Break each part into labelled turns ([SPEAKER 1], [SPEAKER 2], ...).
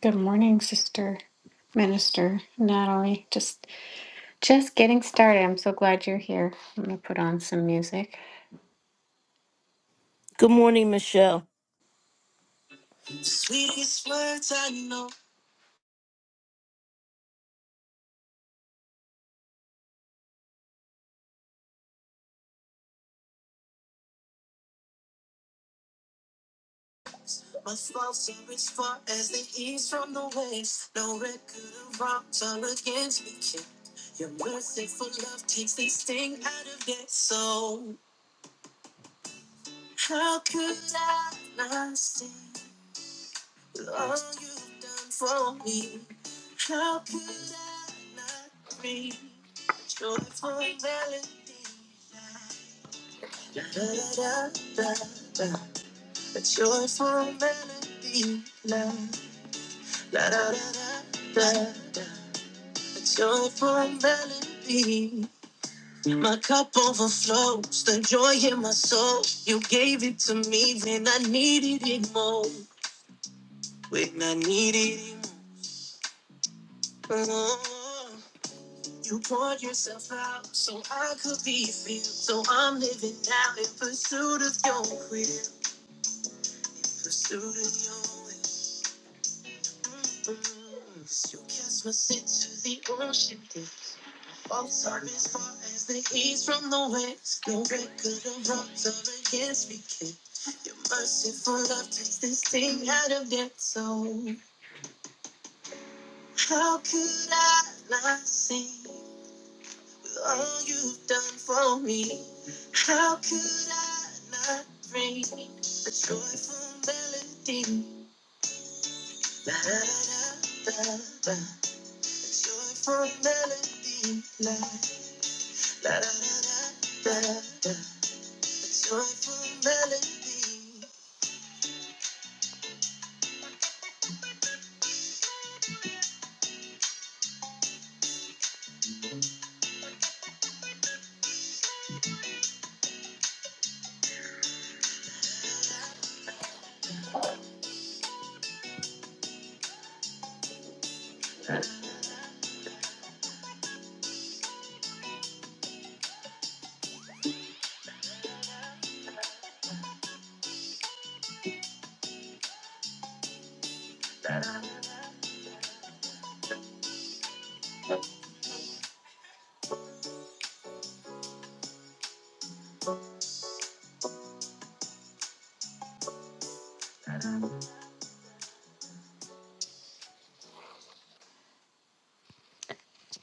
[SPEAKER 1] Good morning, sister minister Natalie. Just just getting started. I'm so glad you're here. I'm gonna put on some music.
[SPEAKER 2] Good morning, Michelle.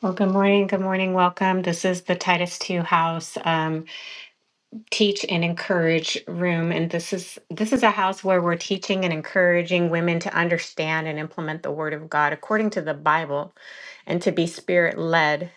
[SPEAKER 1] Well, good morning, good morning, welcome. This is the Titus Two House um, Teach and Encourage Room, and this is this is a house where we're teaching and encouraging women to understand and implement the Word of God according to the Bible. and to be spirit led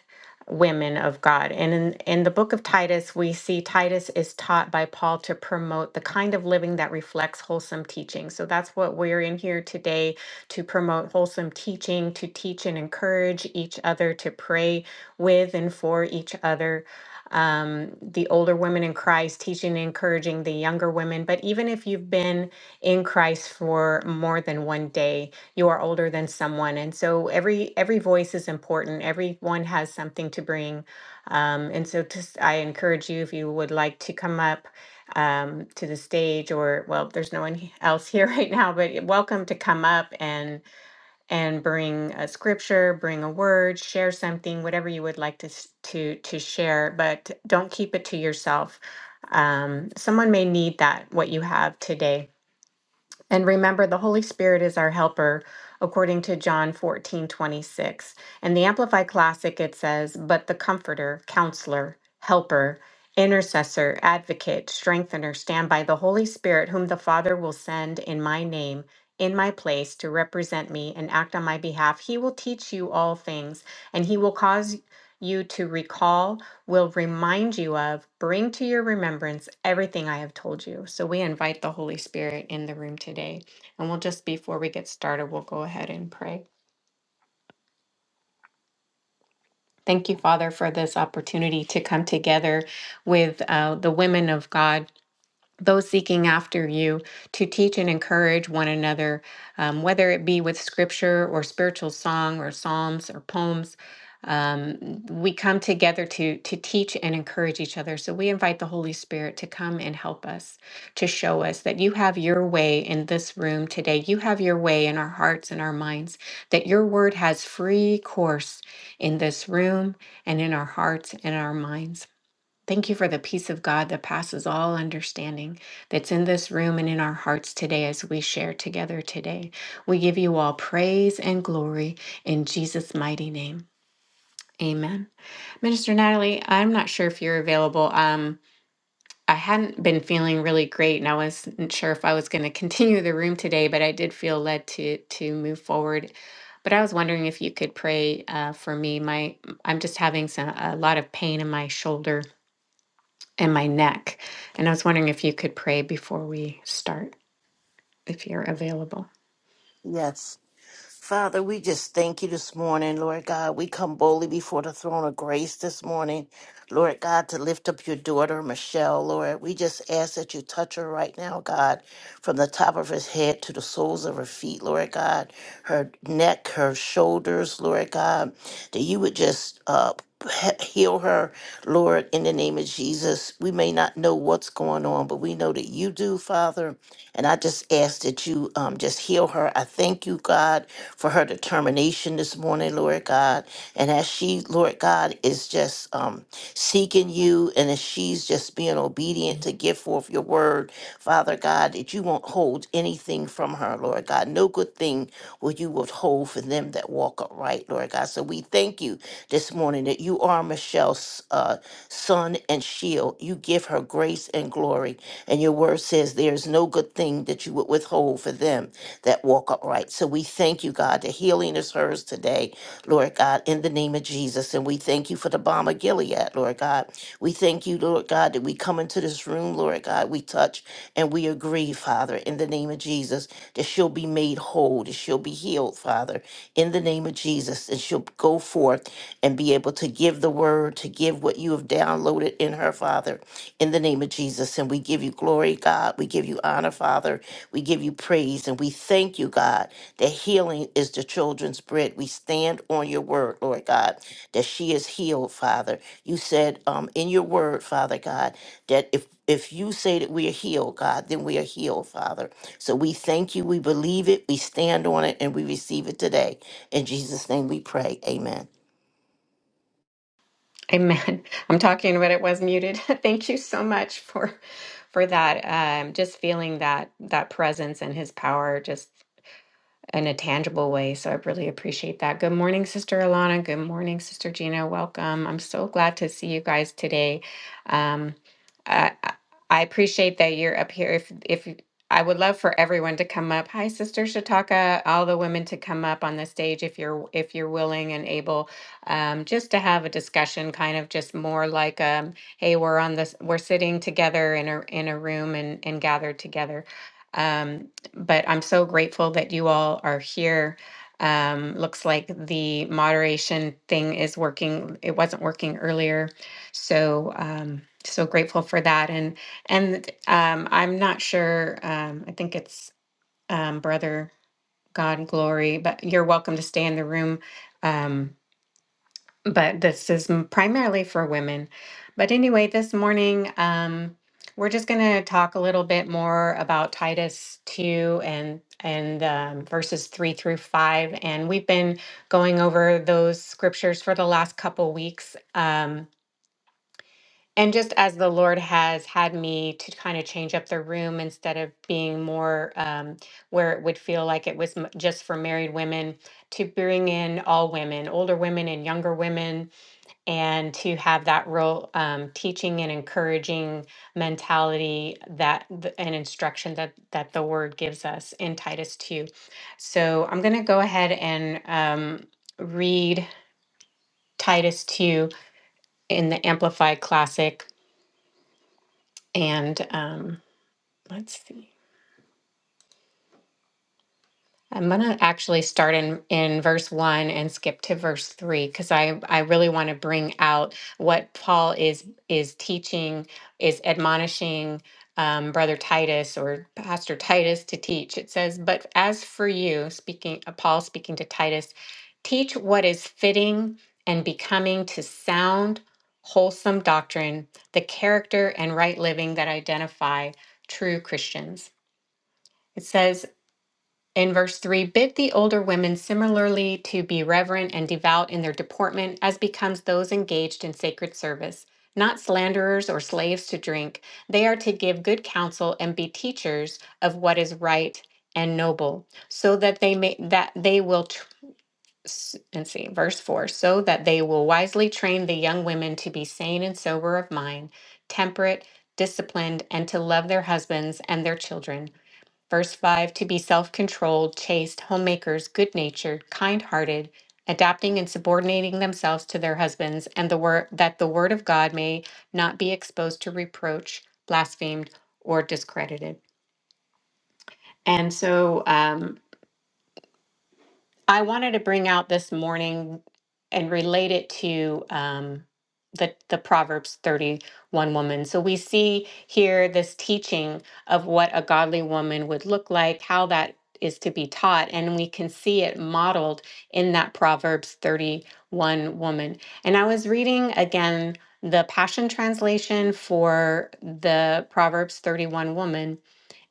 [SPEAKER 1] women of God. And in, in the book of Titus, we see Titus is taught by Paul to promote the kind of living that reflects wholesome teaching. So that's what we're in here today to promote wholesome teaching, to teach and encourage each other, to pray with and for each other. Um, the older women in Christ teaching and encouraging the younger women. But even if you've been in Christ for more than one day, you are older than someone and so every every voice is important everyone has something to bring um, and so just i encourage you if you would like to come up um, to the stage or well there's no one he- else here right now but you're welcome to come up and and bring a scripture bring a word share something whatever you would like to s- to to share but don't keep it to yourself um, someone may need that what you have today and remember, the Holy Spirit is our helper, according to John fourteen twenty six. 26. In the Amplified Classic, it says, But the Comforter, Counselor, Helper, Intercessor, Advocate, Strengthener, stand by the Holy Spirit, whom the Father will send in my name, in my place, to represent me and act on my behalf. He will teach you all things, and he will cause you to recall will remind you of, bring to your remembrance everything I have told you. So we invite the Holy Spirit in the room today. And we'll just, before we get started, we'll go ahead and pray. Thank you, Father, for this opportunity to come together with uh, the women of God those seeking after you to teach and encourage one another, um, whether it be with scripture or spiritual song or psalms or poems. Um, we come together to to teach and encourage each other. So we invite the Holy Spirit to come and help us, to show us that you have your way in this room today. You have your way in our hearts and our minds. That your word has free course in this room and in our hearts and our minds. Thank you for the peace of God that passes all understanding that's in this room and in our hearts today as we share together today. We give you all praise and glory in Jesus' mighty name. Amen. Minister Natalie, I'm not sure if you're available. Um, I hadn't been feeling really great and I wasn't sure if I was going to continue the room today, but I did feel led to to move forward. But I was wondering if you could pray uh, for me. My I'm just having some, a lot of pain in my shoulder and my neck. And I was wondering if you could pray before we start, if you're available.
[SPEAKER 2] Yes. Father, we just thank you this morning, Lord God. We come boldly before the throne of grace this morning, Lord God, to lift up your daughter, Michelle, Lord. We just ask that you touch her right now, God, from the top of her head to the soles of her feet, Lord God, her neck, her shoulders, Lord God, that you would just uh, he- heal her, Lord, in the name of Jesus. We may not know what's going on, but we know that you do, Father. And I just ask that you um, just heal her. I thank you, God, for her determination this morning, Lord God. And as she, Lord God, is just um, seeking you and as she's just being obedient to give forth your word, Father God, that you won't hold anything anything from her, Lord God. No good thing will you withhold for them that walk upright, Lord God. So we thank you this morning that you are Michelle's uh, son and shield. You give her grace and glory. And your word says there is no good thing that you would withhold for them that walk upright. So we thank you, God, that healing is hers today, Lord God, in the name of Jesus. And we thank you for the bomb of Gilead, Lord God. We thank you, Lord God, that we come into this room, Lord God. We touch and we agree, Father, in the name of Jesus, that she'll be made whole, that she'll be healed, Father, in the name of Jesus, and she'll go forth and be able to give the word, to give what you have downloaded in her, Father, in the name of Jesus. And we give you glory, God. We give you honor, Father. We give you praise, and we thank you, God, that healing is the children's bread. We stand on your word, Lord God, that she is healed, Father you said um, in your word, Father God, that if if you say that we are healed, God, then we are healed, Father. So we thank you. We believe it. We stand on it, and we receive it today. In Jesus' name, we pray. Amen.
[SPEAKER 1] Amen. I'm talking, but it was muted. Thank you so much for for that. Um, just feeling that that presence and His power. Just in a tangible way. So I really appreciate that. Good morning, Sister Alana. Good morning, Sister Gina. Welcome. I'm so glad to see you guys today. Um, I, I I appreciate that you're up here. If if you- I would love for everyone to come up. Hi, Sister Shataka. All the women to come up on the stage if you're if you're willing and able, um, just to have a discussion, kind of just more like, um, hey, we're on this, we're sitting together in a in a room and and gathered together. Um, but I'm so grateful that you all are here. Um, looks like the moderation thing is working. It wasn't working earlier, so um, so grateful for that. And and um, I'm not sure. Um, I think it's um, brother God Glory, but you're welcome to stay in the room. Um, but this is m- primarily for women. But anyway, this morning, um, we're just going to talk a little bit more about Titus 2 and and um, verses 3 through 5 and we've been going over those scriptures for the last couple weeks um, and just as the lord has had me to kind of change up the room instead of being more um, where it would feel like it was m- just for married women to bring in all women older women and younger women and to have that real um, teaching and encouraging mentality that th- and instruction that that the word gives us in titus 2 so i'm going to go ahead and um, read titus 2 in the amplified classic and um, let's see I'm going to actually start in, in verse 1 and skip to verse 3 because I, I really want to bring out what Paul is is teaching, is admonishing um, Brother Titus or Pastor Titus to teach. It says, But as for you, speaking uh, Paul speaking to Titus, teach what is fitting and becoming to sound, wholesome doctrine, the character and right living that identify true Christians. It says, in verse 3, bid the older women similarly to be reverent and devout in their deportment, as becomes those engaged in sacred service, not slanderers or slaves to drink. They are to give good counsel and be teachers of what is right and noble, so that they may that they will tr- s- and see verse 4 so that they will wisely train the young women to be sane and sober of mind temperate disciplined and to love their husbands and their children Verse 5 to be self controlled, chaste, homemakers, good natured, kind hearted, adapting and subordinating themselves to their husbands, and the word that the word of God may not be exposed to reproach, blasphemed, or discredited. And so, um, I wanted to bring out this morning and relate it to um, the the Proverbs thirty one woman. So we see here this teaching of what a godly woman would look like, how that is to be taught, and we can see it modeled in that Proverbs thirty one woman. And I was reading again the Passion Translation for the Proverbs thirty one woman,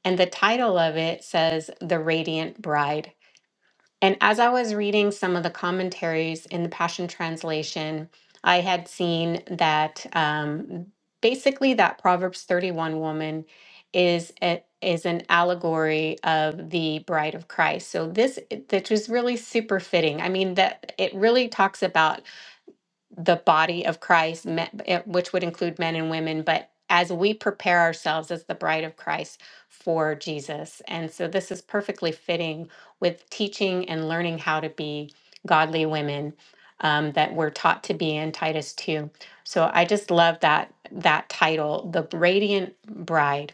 [SPEAKER 1] and the title of it says "The Radiant Bride." And as I was reading some of the commentaries in the Passion Translation, I had seen that um, basically that Proverbs 31 woman is a, is an allegory of the bride of Christ. So this that was really super fitting. I mean that it really talks about the body of Christ, me- eh, which would include men and women, but as we prepare ourselves as the bride of Christ for Jesus. And so this is perfectly fitting with teaching and learning how to be godly women um, that we're taught to be in Titus 2. So I just love that that title, the radiant bride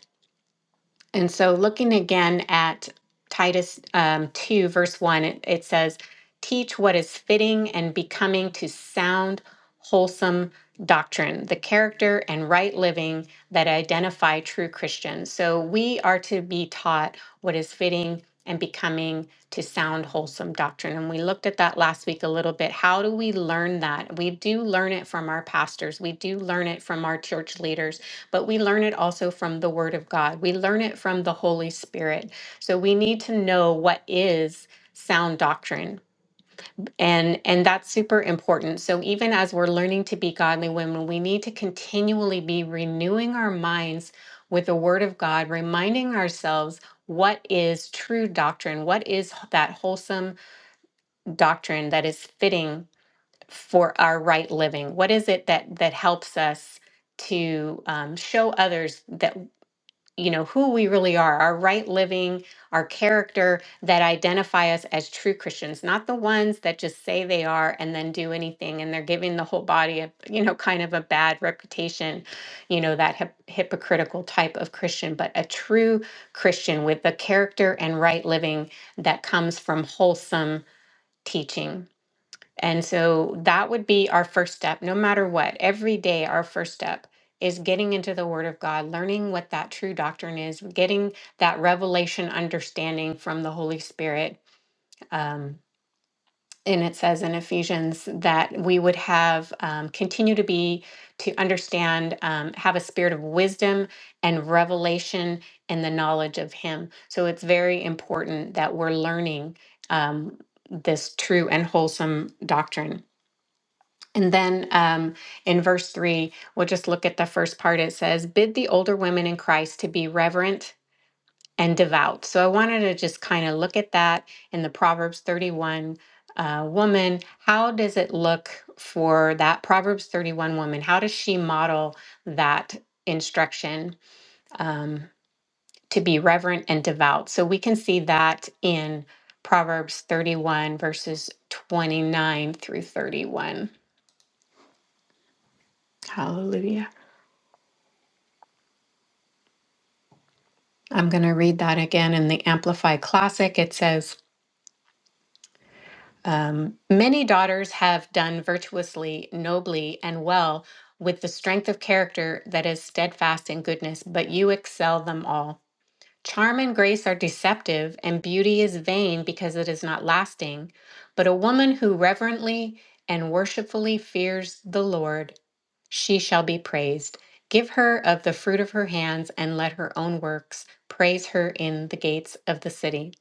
[SPEAKER 1] and so, looking again at Titus um, 2, verse 1, it, it says, Teach what is fitting and becoming to sound, wholesome doctrine, the character and right living that identify true Christians. So, we are to be taught what is fitting and becoming to sound, wholesome doctrine. And we looked at that last week a little bit. How do we learn that? We do learn it from our pastors, we do learn it from our church leaders but we learn it also from the Word of God. We learn it from the Holy Spirit. So we need to know what is sound doctrine and and that's super important so even as we're learning to be godly women we need to continually be renewing our minds with the word of god reminding ourselves what is true doctrine what is that wholesome doctrine that is fitting for our right living what is it that that helps us to um, show others that you know who we really are our right living our character that identify us as true christians not the ones that just say they are and then do anything and they're giving the whole body a you know kind of a bad reputation you know that hip- hypocritical type of christian but a true christian with the character and right living that comes from wholesome teaching and so that would be our first step, no matter what. Every day, our first step is getting into the Word of God, learning what that true doctrine is, getting that revelation understanding from the Holy Spirit. Um, and it says in Ephesians that we would have um, continue to be, to understand, um, have a spirit of wisdom and revelation and the knowledge of Him. So it's very important that we're learning um, this true and wholesome doctrine. And then um, in verse three, we'll just look at the first part. It says, Bid the older women in Christ to be reverent and devout. So I wanted to just kind of look at that in the Proverbs 31 uh, woman. How does it look for that Proverbs 31 woman? How does she model that instruction um, to be reverent and devout? So we can see that in Proverbs 31, verses 29 through 31. Hallelujah. I'm going to read that again in the Amplify Classic. It says, um, Many daughters have done virtuously, nobly, and well with the strength of character that is steadfast in goodness, but you excel them all. Charm and grace are deceptive, and beauty is vain because it is not lasting. But a woman who reverently and worshipfully fears the Lord, she shall be praised. Give her of the fruit of her hands, and let her own works praise her in the gates of the city.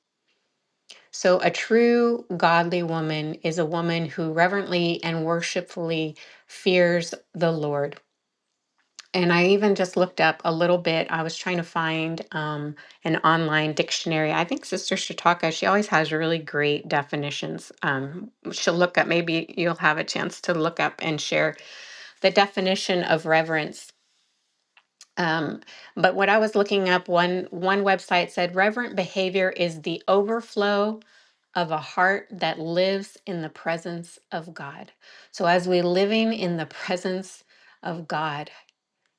[SPEAKER 1] So, a true godly woman is a woman who reverently and worshipfully fears the Lord. And I even just looked up a little bit. I was trying to find um, an online dictionary. I think Sister Shataka, she always has really great definitions. Um, she'll look up, maybe you'll have a chance to look up and share the definition of reverence. Um, but what I was looking up, one, one website said reverent behavior is the overflow of a heart that lives in the presence of God. So as we living in the presence of God,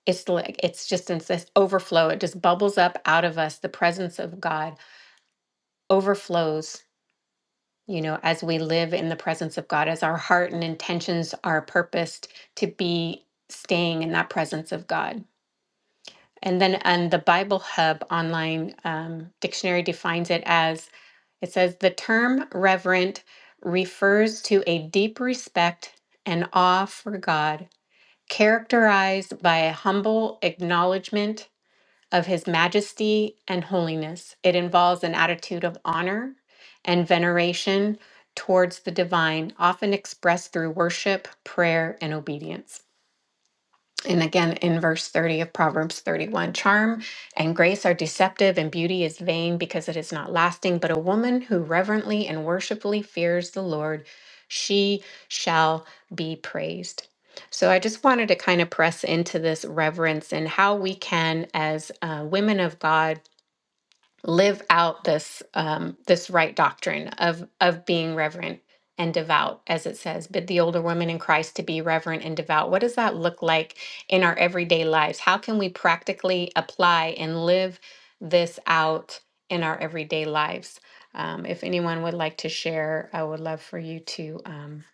[SPEAKER 1] it's like it's just in this overflow. It just bubbles up out of us. The presence of God overflows, you know, as we live in the presence of God, as our heart and intentions are purposed to be staying in that presence of God. And then and the Bible Hub online um, dictionary defines it as it says the term reverent refers to a deep respect and awe for God, characterized by a humble acknowledgement of His majesty and holiness. It involves an attitude of honor and veneration towards the divine, often expressed through worship, prayer, and obedience. And again, in verse 30 of Proverbs 31, charm and grace are deceptive, and beauty is vain because it is not lasting. But a woman who reverently and worshipfully fears the Lord, she shall be praised. So I just wanted to kind of press into this reverence and how we can, as uh, women of God, live out this um, this right doctrine of of being reverent and devout, as it says, bid the older women in Christ to be reverent and devout. What does that look like in our everyday lives? How can we practically apply and live this out in our everyday lives? Um, if anyone would like to share, I would love for you to um,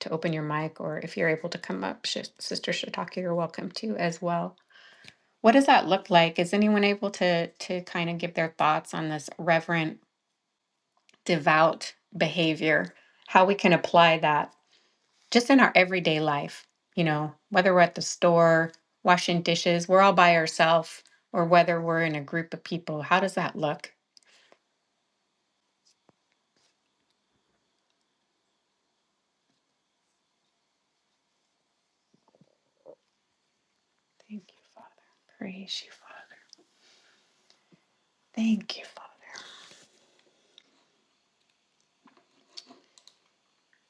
[SPEAKER 1] to open your mic, or if you're able to come up, Sh- Sister Shataki, you're welcome to as well. What does that look like? Is anyone able to to kind of give their thoughts on this reverent, devout behavior? How we can apply that just in our everyday life, you know, whether we're at the store, washing dishes, we're all by ourselves, or whether we're in a group of people. How does that look? Thank you, Father. Praise you, Father. Thank you, Father.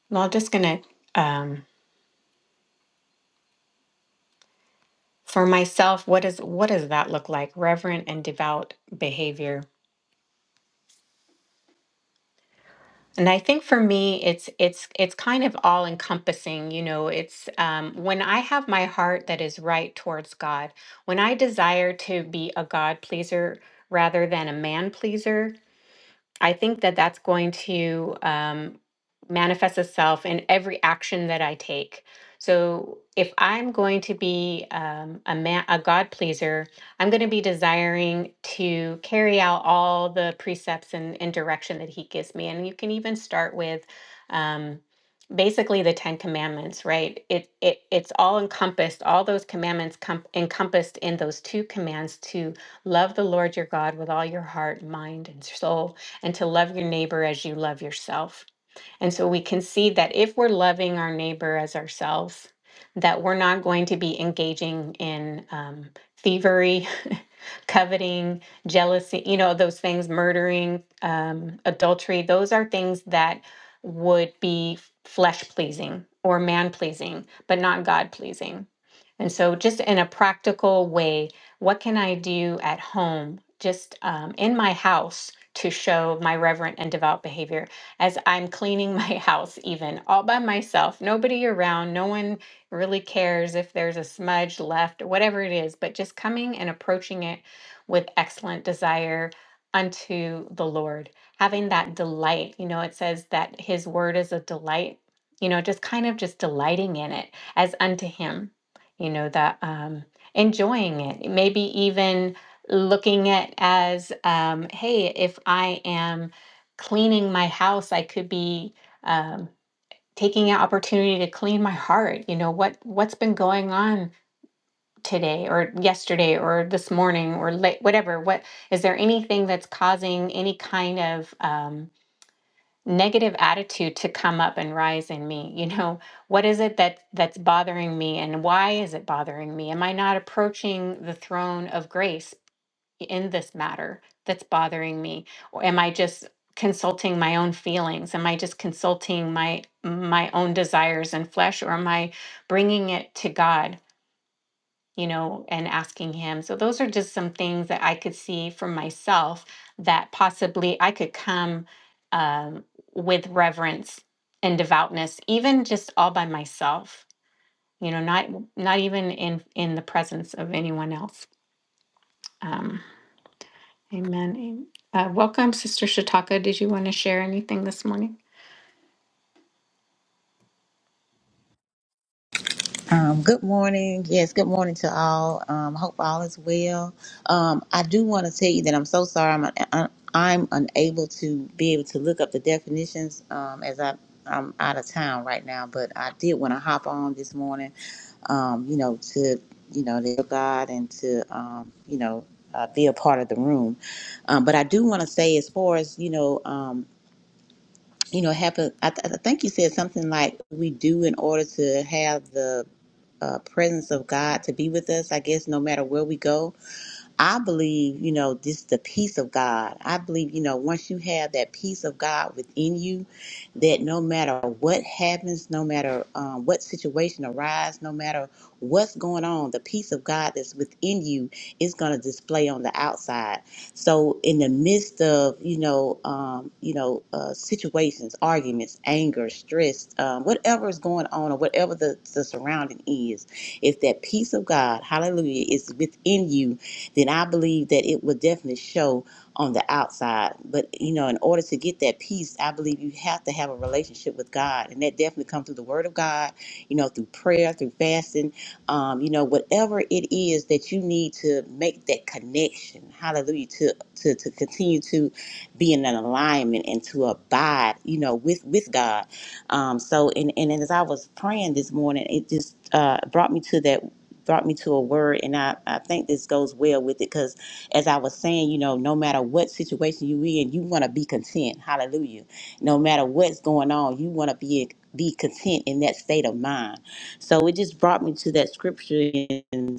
[SPEAKER 1] Well, I'm just gonna um for myself, what is what does that look like? Reverent and devout behavior And I think for me, it's it's it's kind of all encompassing. You know, it's um, when I have my heart that is right towards God, when I desire to be a God pleaser rather than a man pleaser, I think that that's going to um, manifest itself in every action that I take. So if I'm going to be um, a man, a God pleaser, I'm going to be desiring to carry out all the precepts and, and direction that He gives me. And you can even start with um, basically the Ten Commandments, right? It it it's all encompassed. All those commandments com- encompassed in those two commands to love the Lord your God with all your heart, mind, and soul and to love your neighbor as you love yourself. And so we can see that if we're loving our neighbor as ourselves, that we're not going to be engaging in um, thievery, coveting, jealousy, you know, those things, murdering, um, adultery. Those are things that would be flesh pleasing or man pleasing, but not God pleasing. And so, just in a practical way, what can I do at home, just um, in my house, to show my reverent and devout behavior as I'm cleaning my house, even all by myself, nobody around, no one really cares if there's a smudge left, whatever it is, but just coming and approaching it with excellent desire unto the Lord, having that delight. You know, it says that His word is a delight, you know, just kind of just delighting in it as unto Him, you know, that um, enjoying it, maybe even looking at as um, hey if i am cleaning my house i could be um, taking an opportunity to clean my heart you know what what's been going on today or yesterday or this morning or late whatever what is there anything that's causing any kind of um, negative attitude to come up and rise in me you know what is it that that's bothering me and why is it bothering me am i not approaching the throne of grace in this matter that's bothering me or am i just consulting my own feelings am i just consulting my my own desires and flesh or am i bringing it to god you know and asking him so those are just some things that i could see for myself that possibly i could come um, with reverence and devoutness even just all by myself you know not not even in in the presence of anyone else Um, Amen. Am- Uh, welcome, Sister Shataka. Did you want to share anything this morning?
[SPEAKER 3] Um, good morning. Yes, good morning to all. Um, hope all is well. Um, I do want to tell you that I'm so sorry. I'm un- I'm unable to be able to look up the definitions um, as I I'm out of town right now. But I did want to hop on this morning. Um, you know to you know to God and to um, you know uh, be a part of the room. Um, but I do want to say as far as you know. Um, you know, happen. I, th- I think you said something like we do in order to have the uh, presence of God to be with us, I guess, no matter where we go. I believe, you know, this is the peace of God. I believe, you know, once you have that peace of God within you, that no matter what happens, no matter um, what situation arises, no matter what's going on, the peace of God that's within you is going to display on the outside. So, in the midst of, you know, um, you know, uh, situations, arguments, anger, stress, um, whatever is going on, or whatever the, the surrounding is, if that peace of God, Hallelujah, is within you then I believe that it would definitely show on the outside. But you know, in order to get that peace, I believe you have to have a relationship with God, and that definitely comes through the Word of God. You know, through prayer, through fasting. Um, you know, whatever it is that you need to make that connection. Hallelujah! To to to continue to be in an alignment and to abide. You know, with with God. Um, so, and, and as I was praying this morning, it just uh, brought me to that brought me to a word and I, I think this goes well with it because as I was saying, you know, no matter what situation you in, you want to be content. Hallelujah. No matter what's going on, you want to be be content in that state of mind. So it just brought me to that scripture in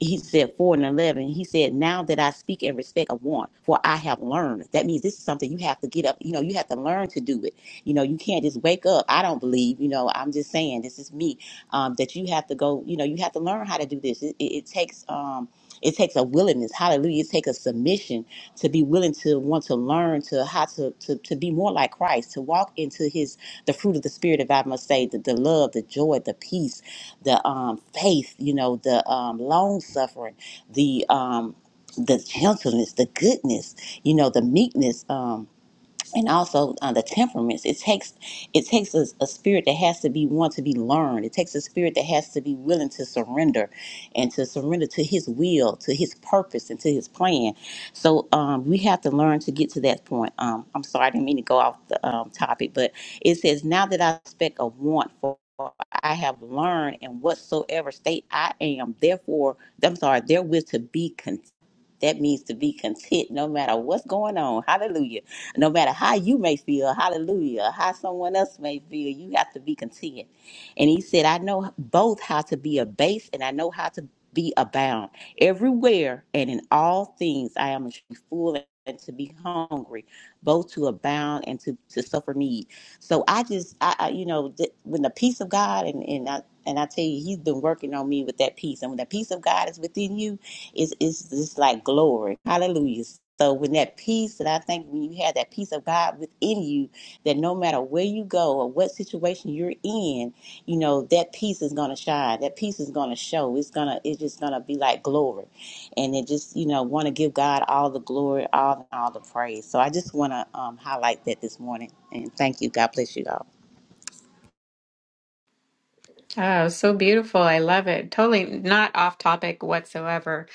[SPEAKER 3] he said four and eleven. He said, Now that I speak in respect of one, for I have learned. That means this is something you have to get up, you know, you have to learn to do it. You know, you can't just wake up. I don't believe, you know, I'm just saying this is me. Um, that you have to go, you know, you have to learn how to do this. It, it, it takes um it takes a willingness, hallelujah. It takes a submission to be willing to want to learn to how to, to, to be more like Christ, to walk into his the fruit of the spirit, if I must say, the, the love, the joy, the peace the um, faith, you know, the um, long suffering, the um, the gentleness, the goodness, you know, the meekness. Um, and also uh, the temperaments it takes it takes a, a spirit that has to be one to be learned it takes a spirit that has to be willing to surrender and to surrender to his will to his purpose and to his plan so um, we have to learn to get to that point um, i'm sorry i didn't mean to go off the um, topic but it says now that i expect a want for I have learned in whatsoever state I am, therefore, I'm sorry, therewith to be content. That means to be content no matter what's going on. Hallelujah. No matter how you may feel, hallelujah, how someone else may feel, you have to be content. And he said, I know both how to be abased and I know how to be abound. Everywhere and in all things, I am to be full and to be hungry, both to abound and to, to suffer need. So I just, I, I you know, th- when the peace of God, and, and, I, and I tell you, he's been working on me with that peace. And when the peace of God is within you, it's, it's just like glory. Hallelujah. So when that peace that I think when you have that peace of God within you, that no matter where you go or what situation you're in, you know, that peace is gonna shine. That peace is gonna show. It's gonna it's just gonna be like glory. And it just, you know, wanna give God all the glory, all all the praise. So I just wanna um highlight that this morning and thank you. God bless you all.
[SPEAKER 1] Oh, so beautiful. I love it. Totally not off topic whatsoever.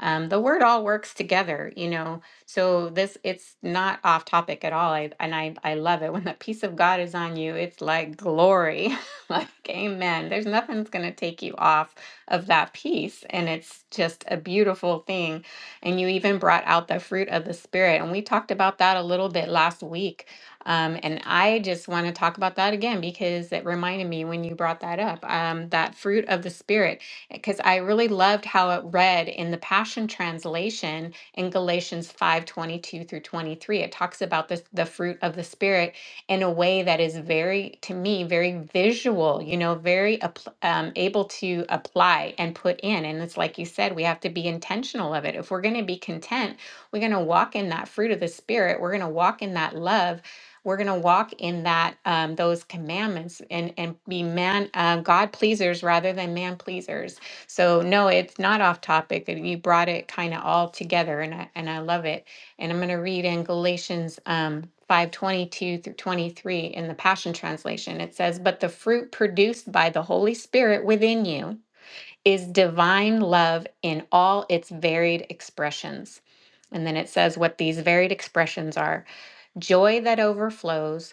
[SPEAKER 1] Um, the word all works together, you know. So this it's not off topic at all. I, and I I love it when the peace of God is on you. It's like glory. like amen. There's nothing that's going to take you off of that peace and it's just a beautiful thing. And you even brought out the fruit of the spirit and we talked about that a little bit last week Um, and I just want to talk about that again because it reminded me when you brought that up, um, that fruit of the Spirit, because I really loved how it read in the Passion Translation in Galatians 5 22 through 23. It talks about this, the fruit of the Spirit in a way that is very, to me, very visual, you know, very appl- um, able to apply and put in. And it's like you said, we have to be intentional of it. If we're going to be content, we're going to walk in that fruit of the Spirit, we're going to walk in that love we're going to walk in that um, those commandments and and be man uh, God pleasers rather than man pleasers. So no, it's not off topic. and You brought it kind of all together, and I and I love it. And I'm going to read in Galatians. Um, 522 through 23 in the Passion Translation, it says, But the fruit produced by the Holy Spirit within you is divine love in all its varied expressions. And then it says what these varied expressions are joy that overflows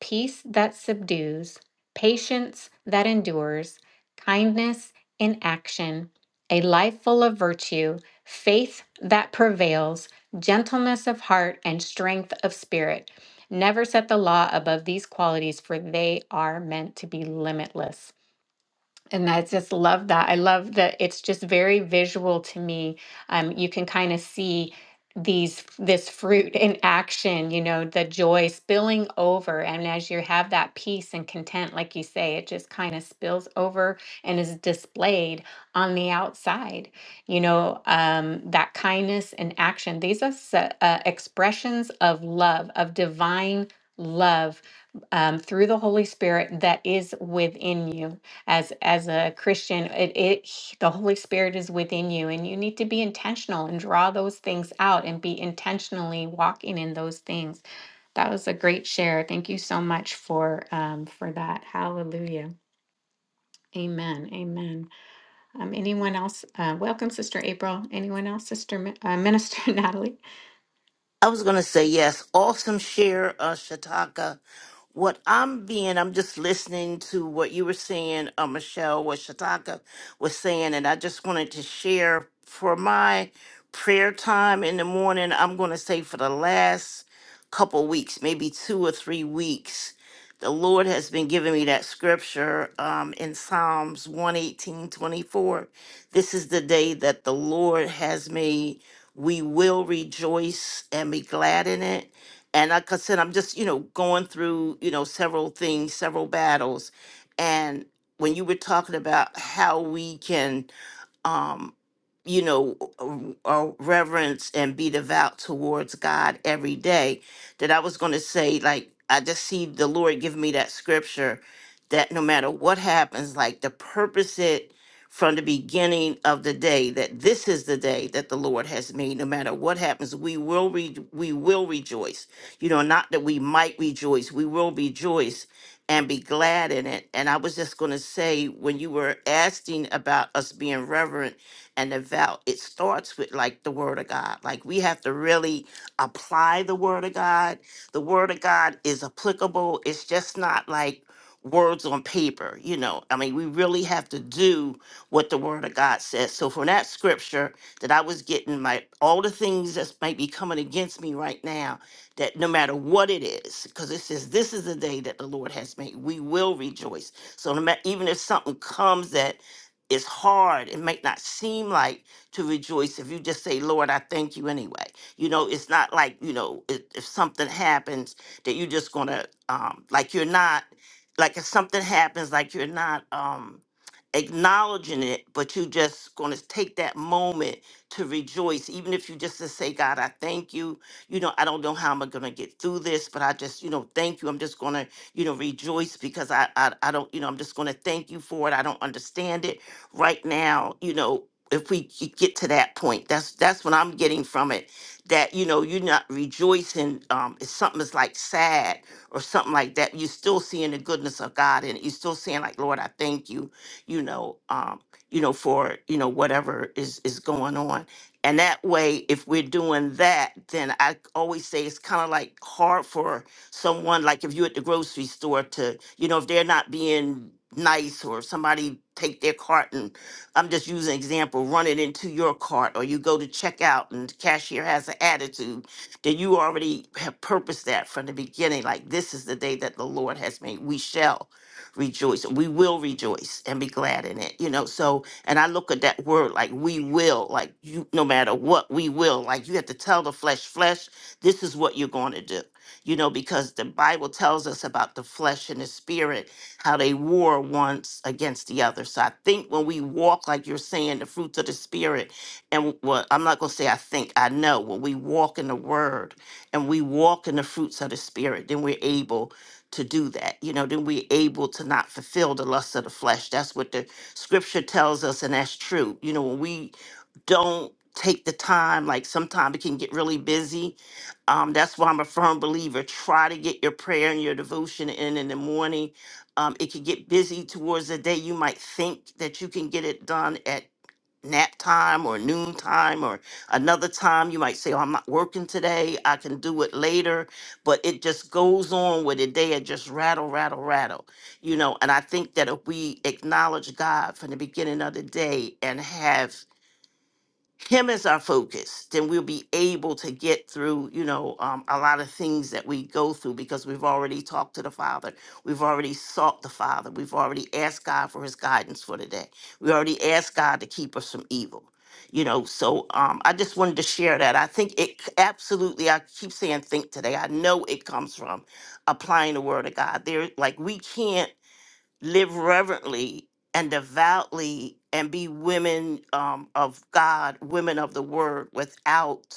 [SPEAKER 1] peace that subdues, patience that endures, kindness in action, a life full of virtue, faith that prevails, gentleness of heart, and strength of spirit. Never set the law above these qualities, for they are meant to be limitless. And I just love that. I love that it's just very visual to me. Um, you can kind of see these this fruit in action, you know, the joy spilling over. And as you have that peace and content, like you say, it just kind of spills over and is displayed on the outside. You know, um, that kindness and action. These are s- uh, expressions of love, of divine love um, through the Holy Spirit that is within you as as a christian it, it he- the holy spirit is within you and you need to be intentional and draw those things out and be intentionally walking in those things that was a great share thank you so much for um for that hallelujah amen amen um anyone else uh, welcome sister april anyone else sister Mi- uh, minister natalie
[SPEAKER 2] I was going to say yes. Awesome share, uh, Shataka. What I'm being, I'm just listening to what you were saying, uh, Michelle, what Shataka was saying, and I just wanted to share for my prayer time in the morning. I'm going to say for the last couple weeks, maybe two or three weeks, the Lord has been giving me that scripture um, in Psalms one eighteen twenty four. This is the day that the Lord has made we will rejoice and be glad in it. And like I said, I'm just, you know, going through, you know, several things, several battles. And when you were talking about how we can um, you know, uh, uh, reverence and be devout towards God every day, that I was going to say, like, I just see the Lord give me that scripture that no matter what happens, like, to purpose it from the beginning of the day that this is the day that the Lord has made. No matter what happens, we will re- we will rejoice. You know, not that we might rejoice, we will rejoice and be glad in it. And I was just going to say, when you were asking about us being reverent and devout, it starts with like the Word of God. Like we have to really apply the Word of God. The Word of God is applicable, it's just not like words on paper, you know. I mean, we really have to do what the Word of God says. So, from that scripture that I was getting, my all the things that might be coming against me right now that no matter what it is, because it says, This is the day that the Lord has made, we will rejoice. So, no matter, even if something comes that is hard, it might not seem like to rejoice if you just say, Lord, I thank you anyway. You know, it's not like, you know, if, if something happens that you're just gonna, um, like, you're not, like, if something happens, like, you're not, um, acknowledging it, but you just going to take that moment to rejoice, even if you just to say, God, I thank you you know, I don't know how I'm gonna get through this, but I just, you know, thank you. I'm just gonna, you know, rejoice because I I, I don't, you know, I'm just gonna thank you for it. I don't understand it right now, you know. If we g- get to that point, that's that's what I'm getting from it. That you know, you're not rejoicing. Um, if something is like sad or something like that, you're still seeing the goodness of God, and you're still saying like, Lord, I thank you. You know, um, you know, for you know whatever is is going on. And that way, if we're doing that, then I always say it's kind of like hard for someone, like if you're at the grocery store to, you know, if they're not being nice or somebody take their cart and I'm just using example, run it into your cart or you go to checkout and the cashier has an attitude, then you already have purposed that from the beginning. Like this is the day that the Lord has made. We shall rejoice. We will rejoice and be glad in it. You know, so and I look at that word like we will, like you, no matter what, we will. Like you have to tell the flesh, flesh, this is what you're going to do. You know, because the Bible tells us about the flesh and the spirit, how they war once against the other. So I think when we walk, like you're saying, the fruits of the spirit, and what I'm not going to say, I think, I know, when we walk in the word and we walk in the fruits of the spirit, then we're able to do that. You know, then we're able to not fulfill the lust of the flesh. That's what the Scripture tells us, and that's true. You know, when we don't take the time, like sometimes it can get really busy. Um, that's why I'm a firm believer. Try to get your prayer and your devotion in in the morning. Um, it can get busy towards the day. You might think that you can get it done at nap time or noon time or another time you might say oh i'm not working today i can do it later but it just goes on with the day and just rattle rattle rattle you know and i think that if we acknowledge god from the beginning of the day and have him as our focus then we'll be able to get through you know um, a lot of things that we go through because we've already talked to the father we've already sought the father we've already asked god for his guidance for today we already asked god to keep us from evil you know so um, i just wanted to share that i think it c- absolutely i keep saying think today i know it comes from applying the word of god there like we can't live reverently and devoutly and be women um, of God, women of the word without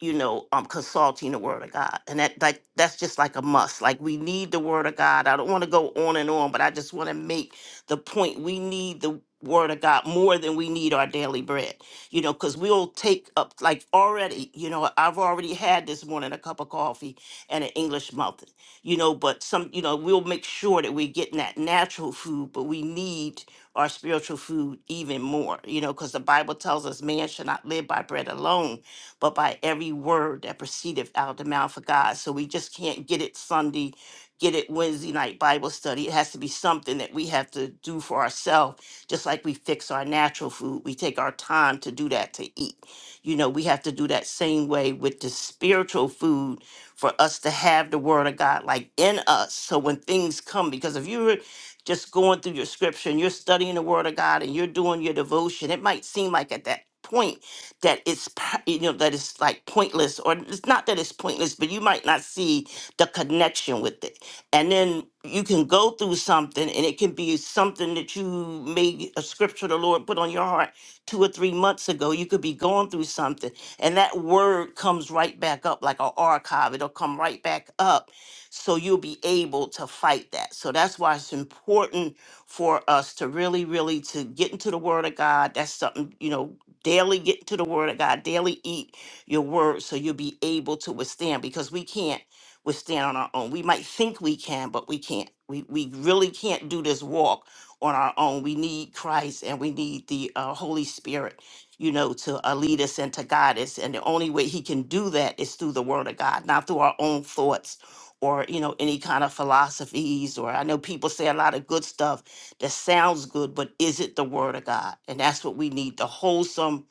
[SPEAKER 2] you know, um, consulting the Word of God, and that like that's just like a must. Like we need the Word of God. I don't want to go on and on, but I just want to make the point: we need the Word of God more than we need our daily bread. You know, because we'll take up like already. You know, I've already had this morning a cup of coffee and an English muffin. You know, but some, you know, we'll make sure that we're getting that natural food, but we need our spiritual food even more. You know, because the Bible tells us man should not live by bread alone but by every word that proceedeth out of the mouth of God. So we just can't get it Sunday, get it Wednesday night Bible study. It has to be something that we have to do for ourselves, just like we fix our natural food. We take our time to do that to eat. You know, we have to do that same way with the spiritual food for us to have the word of God like in us. So when things come, because if you're just going through your scripture and you're studying the word of God and you're doing your devotion, it might seem like at that point that it's p- you know that it's like pointless or it's not that it's pointless but you might not see the connection with it and then you can go through something and it can be something that you made a scripture the lord put on your heart two or three months ago you could be going through something and that word comes right back up like an archive it'll come right back up so you'll be able to fight that so that's why it's important for us to really really to get into the word of god that's something you know daily get into the word of God, daily eat your word so you'll be able to withstand because we can't withstand on our own. We might think we can, but we can't. We we really can't do this walk on our own. We need Christ and we need the uh, Holy Spirit, you know, to uh, lead us and to guide us. And the only way he can do that is through the word of God, not through our own thoughts or you know any kind of philosophies or i know people say a lot of good stuff that sounds good, but is it the word of God? And that's what we need the wholesome,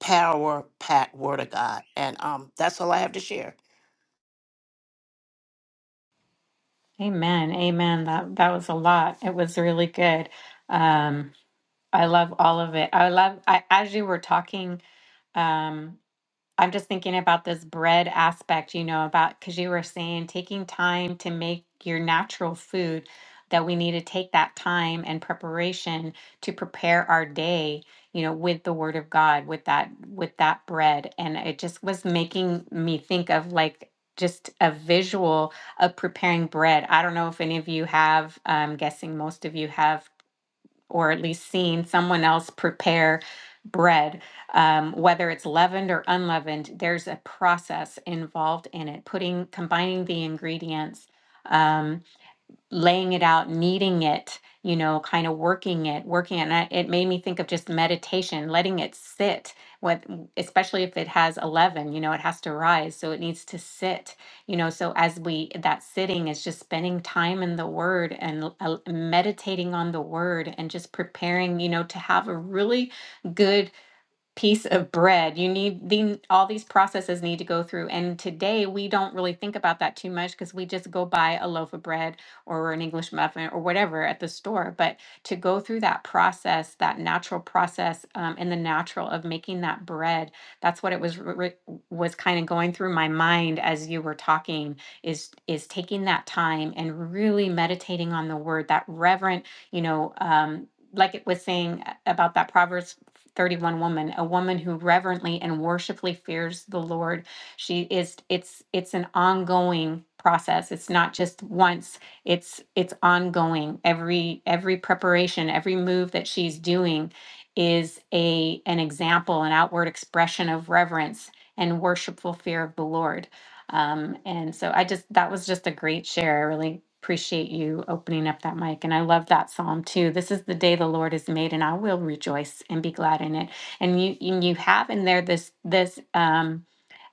[SPEAKER 2] power packed word of God. And um, that's all I have to share.
[SPEAKER 1] amen amen that that was a lot it was really good um i love all of it i love i as you were talking um I'm just thinking about this bread aspect, you know, about because you were saying taking time to make your natural food, that we need to take that time and preparation to prepare our day, you know, with the word of God, with that, with that bread. And it just was making me think of like just a visual of preparing bread. I don't know if any of you have, I'm guessing most of you have or at least seen someone else prepare bread, um, whether it's leavened or unleavened, there's a process involved in it, putting, combining the ingredients. Um, laying it out, kneading it, you know, kind of working it, working it. And I, it made me think of just meditation, letting it sit. What, especially if it has eleven, you know, it has to rise, so it needs to sit. You know, so as we that sitting is just spending time in the Word and l- uh, meditating on the Word and just preparing, you know, to have a really good piece of bread. You need the all these processes need to go through. And today we don't really think about that too much because we just go buy a loaf of bread or an English muffin or whatever at the store. But to go through that process, that natural process, um, and the natural of making that bread, that's what it was re- was kind of going through my mind as you were talking. Is is taking that time and really meditating on the word, that reverent, you know. Um, like it was saying a- about that Proverbs 31 woman, a woman who reverently and worshipfully fears the Lord. She is it's it's an ongoing process. It's not just once. It's it's ongoing. Every every preparation, every move that she's doing is a an example, an outward expression of reverence and worshipful fear of the Lord. Um, and so I just, that was just a great share. I really appreciate you opening up that mic. And I love that Psalm too. This is the day the Lord has made and I will rejoice and be glad in it. And you, and you have in there this, this, um,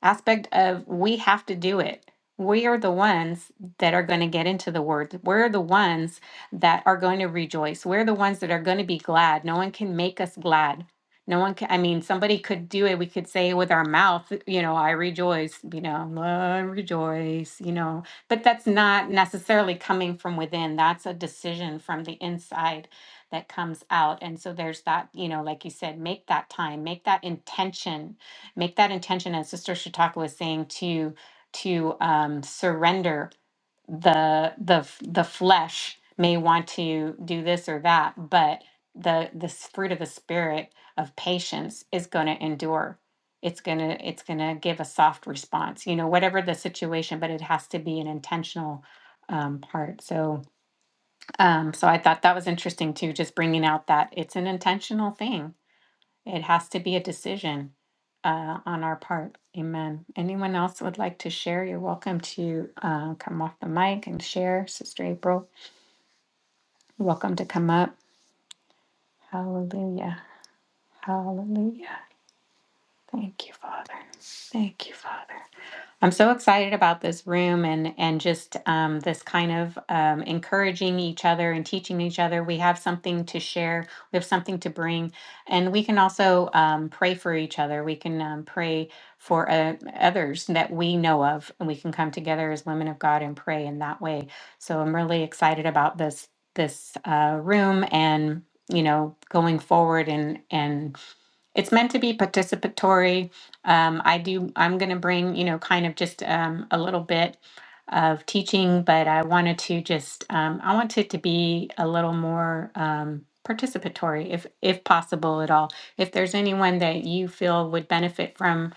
[SPEAKER 1] aspect of we have to do it. We are the ones that are going to get into the word. We're the ones that are going to rejoice. We're the ones that are going to be glad. No one can make us glad. No one can, I mean, somebody could do it. We could say with our mouth, you know, I rejoice, you know, I rejoice, you know, but that's not necessarily coming from within. That's a decision from the inside that comes out. And so there's that, you know, like you said, make that time, make that intention, make that intention. And Sister Shataka was saying to to um, surrender the the f- the flesh may want to do this or that but the this fruit of the spirit of patience is going to endure it's going to it's going to give a soft response you know whatever the situation but it has to be an intentional um, part so um so i thought that was interesting too just bringing out that it's an intentional thing it has to be a decision uh, on our part. Amen. Anyone else would like to share? You're welcome to uh, come off the mic and share. Sister April, you're welcome to come up. Hallelujah. Hallelujah. Thank you, Father. Thank you, Father. I'm so excited about this room and and just um, this kind of um, encouraging each other and teaching each other. We have something to share. We have something to bring, and we can also um, pray for each other. We can um, pray for uh, others that we know of, and we can come together as women of God and pray in that way. So I'm really excited about this this uh, room and you know going forward and and it's meant to be participatory um, i do i'm going to bring you know kind of just um, a little bit of teaching but i wanted to just um, i want it to be a little more um, participatory if if possible at all if there's anyone that you feel would benefit from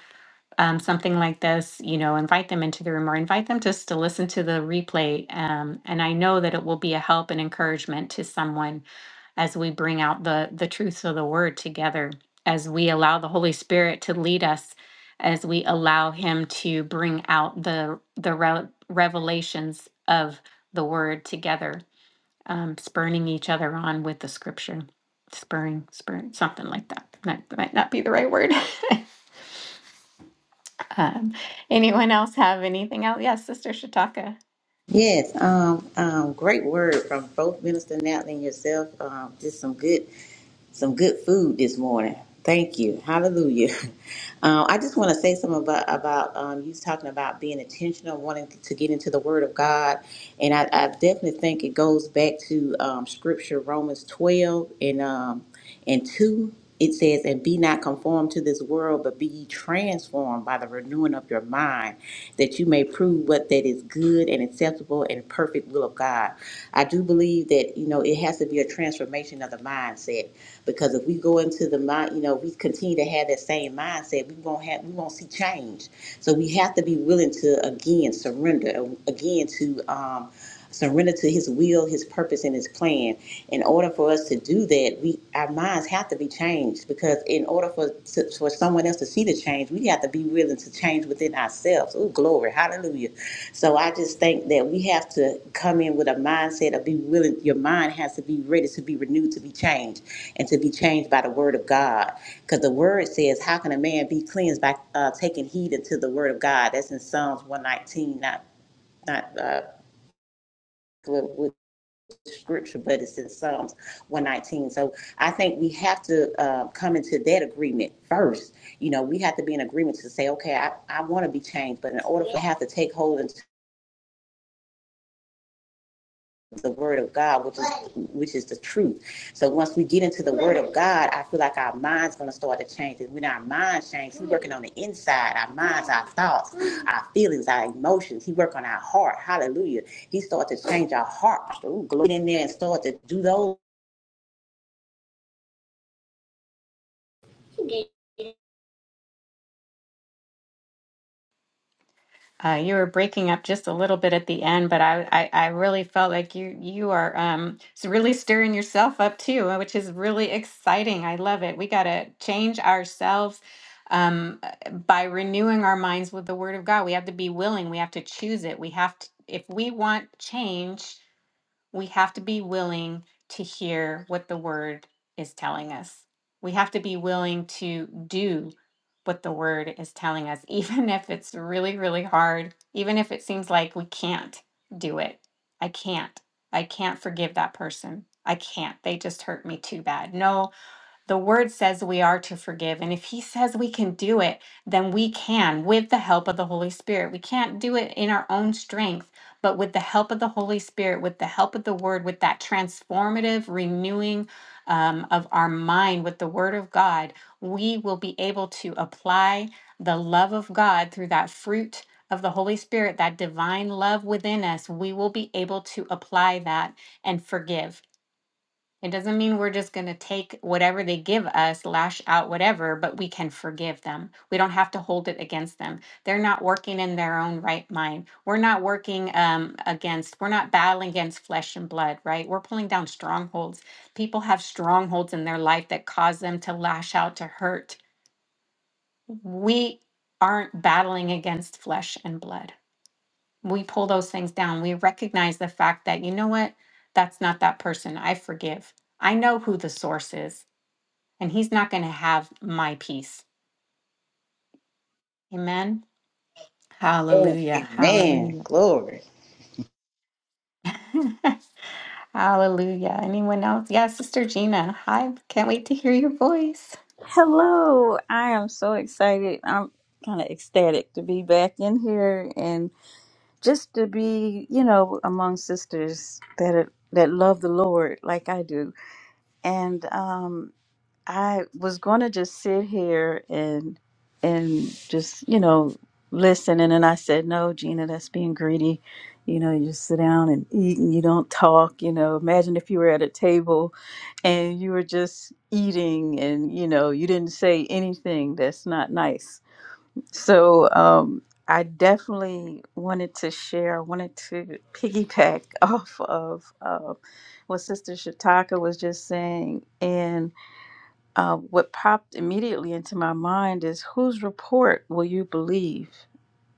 [SPEAKER 1] um, something like this you know invite them into the room or invite them just to listen to the replay um, and i know that it will be a help and encouragement to someone as we bring out the the truths of the word together as we allow the holy spirit to lead us as we allow him to bring out the the re- revelations of the word together um, spurning each other on with the scripture spurring spurring something like that that, might not be the right word um, anyone else have anything else yes sister shataka
[SPEAKER 3] Yes, um, um, great word from both Minister Natalie and yourself. Um, just some good some good food this morning. Thank you. Hallelujah. Uh, I just want to say something about, about um, you talking about being intentional, wanting to get into the Word of God. And I, I definitely think it goes back to um, Scripture, Romans 12 and, um, and 2. It says, And be not conformed to this world, but be ye transformed by the renewing of your mind, that you may prove what that is good and acceptable and perfect will of God. I do believe that, you know, it has to be a transformation of the mindset because if we go into the mind, you know, if we continue to have that same mindset, we won't have, we won't see change. So we have to be willing to again surrender, again to um, surrender to His will, His purpose, and His plan. In order for us to do that, we our minds have to be changed. Because in order for for someone else to see the change, we have to be willing to change within ourselves. Oh, glory, hallelujah! So I just think that we have to come in with a mindset of be willing. Your mind has to be ready to be renewed, to be changed and to be changed by the word of God. Because the word says, How can a man be cleansed by uh, taking heed unto the word of God? That's in Psalms 119, not, not uh, with, with scripture, but it's in Psalms 119. So I think we have to uh, come into that agreement first. You know, we have to be in agreement to say, Okay, I, I want to be changed, but in order for I have to take hold the word of God, which is which is the truth. So once we get into the word of God, I feel like our mind's gonna start to change. And when our mind changes, He working on the inside, our minds, our thoughts, our feelings, our emotions. He work on our heart. Hallelujah. He start to change our heart. Ooh, glory Get in there and start to do those. Amen.
[SPEAKER 1] Uh, you were breaking up just a little bit at the end, but I, I, I really felt like you you are um, s- really stirring yourself up too, uh, which is really exciting. I love it. We got to change ourselves um, uh, by renewing our minds with the Word of God. We have to be willing. We have to choose it. We have to if we want change we have to be willing to hear what the word is telling us. We have to be willing to do what the word is telling us, even if it's really, really hard, even if it seems like we can't do it. I can't. I can't forgive that person. I can't. They just hurt me too bad. No, the word says we are to forgive. And if he says we can do it, then we can with the help of the Holy Spirit. We can't do it in our own strength, but with the help of the Holy Spirit, with the help of the word, with that transformative renewing um, of our mind with the word of God, we will be able to apply the love of God through that fruit of the Holy Spirit, that divine love within us. We will be able to apply that and forgive it doesn't mean we're just going to take whatever they give us, lash out, whatever, but we can forgive them. We don't have to hold it against them. They're not working in their own right mind. We're not working um, against, we're not battling against flesh and blood, right? We're pulling down strongholds. People have strongholds in their life that cause them to lash out, to hurt. We aren't battling against flesh and blood we pull those things down. We recognize the fact that, you know what, that's not that person. I forgive. I know who the source is, and he's not going to have my peace. Amen. Hallelujah. Hallelujah.
[SPEAKER 3] Glory.
[SPEAKER 1] Hallelujah. Anyone else? Yeah, Sister Gina. Hi. Can't wait to hear your voice.
[SPEAKER 4] Hello, I am so excited. I'm kind of ecstatic to be back in here and just to be, you know, among sisters that are, that love the Lord like I do. And um I was gonna just sit here and and just you know listen, and then I said, "No, Gina, that's being greedy. You know, you just sit down and eat, and you don't talk. You know, imagine if you were at a table and you were just eating, and you know, you didn't say anything that's not nice." So um, I definitely wanted to share. I wanted to piggyback off of uh, what Sister Shataka was just saying, uh, what popped immediately into my mind is whose report will you believe?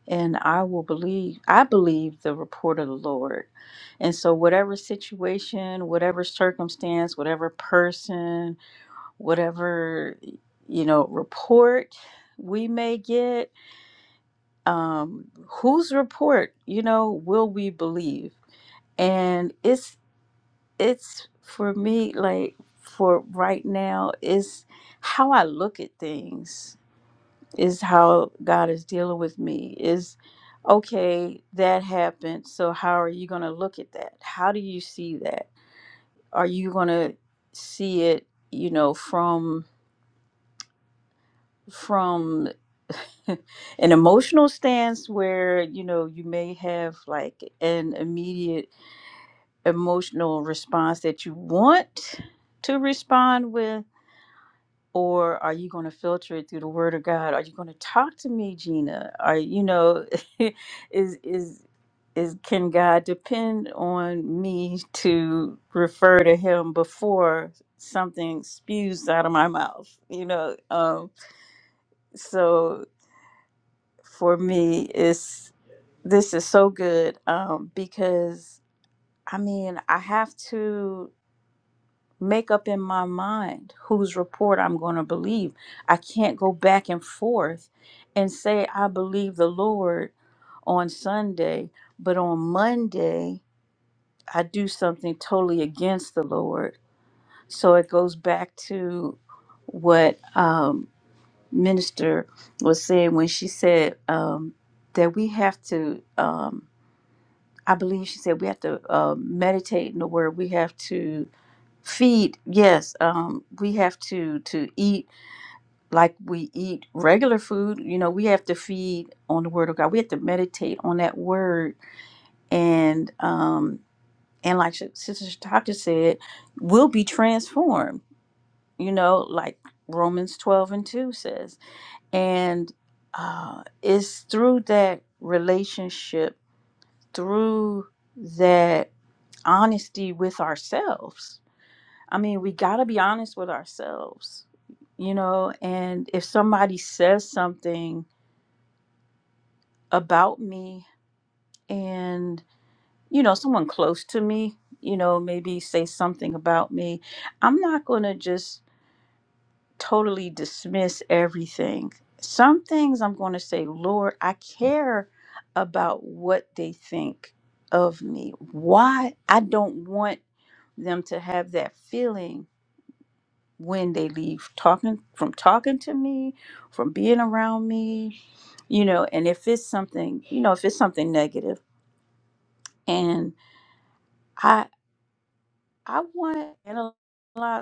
[SPEAKER 4] And I will believe, I believe the report of the Lord. And so, whatever situation, whatever circumstance, whatever person, whatever, you know, report we may get, um, whose report, you know, will we believe? And it's, it's for me, like for right now, it's how I look at things is how God is dealing with me is okay, that happened. So, how are you going to look at that? How do you see that? Are you going to see it, you know, from from an emotional stance where you know you may have like an immediate emotional response that you want to respond with or are you going to filter it through the word of god are you going to talk to me gina are you know is is is can god depend on me to refer to him before something spews out of my mouth you know um so for me it's this is so good um because i mean i have to make up in my mind whose report I'm going to believe. I can't go back and forth and say, I believe the Lord on Sunday, but on Monday, I do something totally against the Lord. So it goes back to what um, Minister was saying when she said um, that we have to, um, I believe she said we have to uh, meditate in the Word, we have to feed yes um we have to to eat like we eat regular food you know we have to feed on the word of god we have to meditate on that word and um and like Sis- sister doctor said we'll be transformed you know like romans 12 and 2 says and uh it's through that relationship through that honesty with ourselves I mean, we got to be honest with ourselves, you know. And if somebody says something about me and, you know, someone close to me, you know, maybe say something about me, I'm not going to just totally dismiss everything. Some things I'm going to say, Lord, I care about what they think of me. Why? I don't want them to have that feeling when they leave talking from talking to me from being around me you know and if it's something you know if it's something negative and i i want to analyze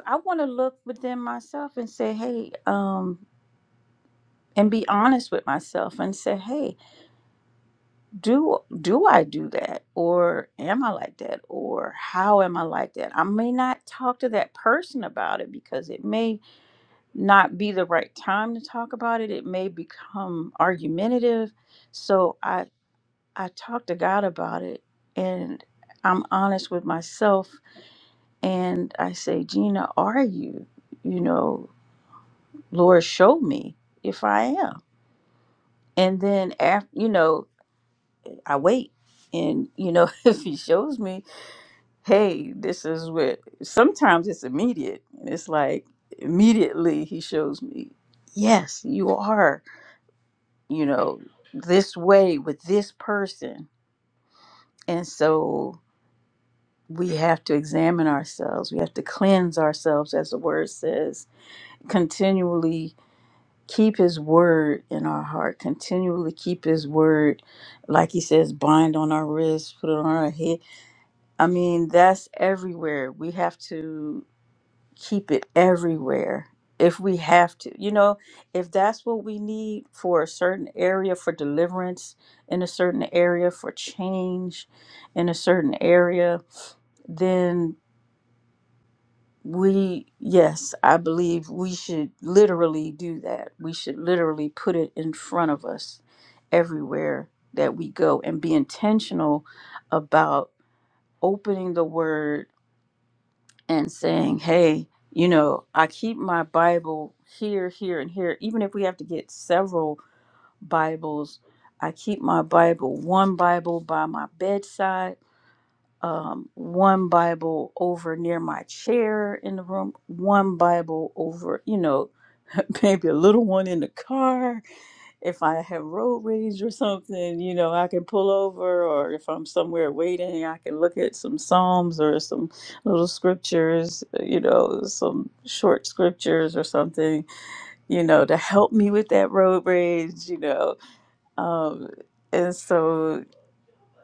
[SPEAKER 4] i want to look within myself and say hey um and be honest with myself and say hey do do i do that or am i like that or how am i like that i may not talk to that person about it because it may not be the right time to talk about it. It may become argumentative. So I I talk to God about it and I'm honest with myself and I say, Gina, are you? You know, Lord, show me if I am. And then after you know, I wait. And you know, if he shows me, hey, this is what sometimes it's immediate. And it's like immediately he shows me, yes, you are you know, this way with this person. And so we have to examine ourselves. We have to cleanse ourselves, as the word says, continually keep his word in our heart, continually keep his word, like he says, bind on our wrists, put it on our head. I mean, that's everywhere. We have to. keep it everywhere if we have to. You know, if that's what we need for a certain area for deliverance in a certain area for change in a certain area, then we yes, I believe we should literally do that. We should literally put it in front of us everywhere that we go and be intentional about opening the word and saying, hey, you know, I keep my Bible here, here, and here. Even if we have to get several Bibles, I keep my Bible, one Bible by my bedside, um, one Bible over near my chair in the room, one Bible over, you know, maybe a little one in the car if I have road rage or something, you know, I can pull over, or if I'm somewhere waiting, I can look at some Psalms or some little scriptures, uh, you know, some short scriptures or something, you know, to help me with that road rage, you know. Um, and so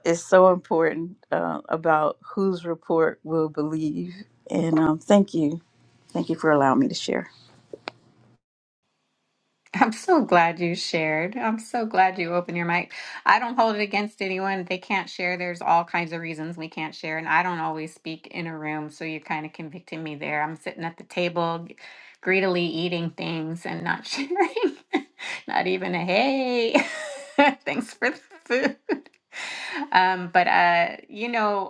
[SPEAKER 4] it's so important uh, about whose report we'll believe. And um, thank you. Thank you for allowing me to share.
[SPEAKER 1] I'm so glad you shared. I'm so glad you opened your mic. I don't hold it against anyone. They can't share. There's all kinds of reasons we can't share. And I don't always speak in a room. So you kind of convicted me there. I'm sitting at the table, g- greedily eating things and not sharing. not even a hey, thanks for the food. Um, but, uh, you know,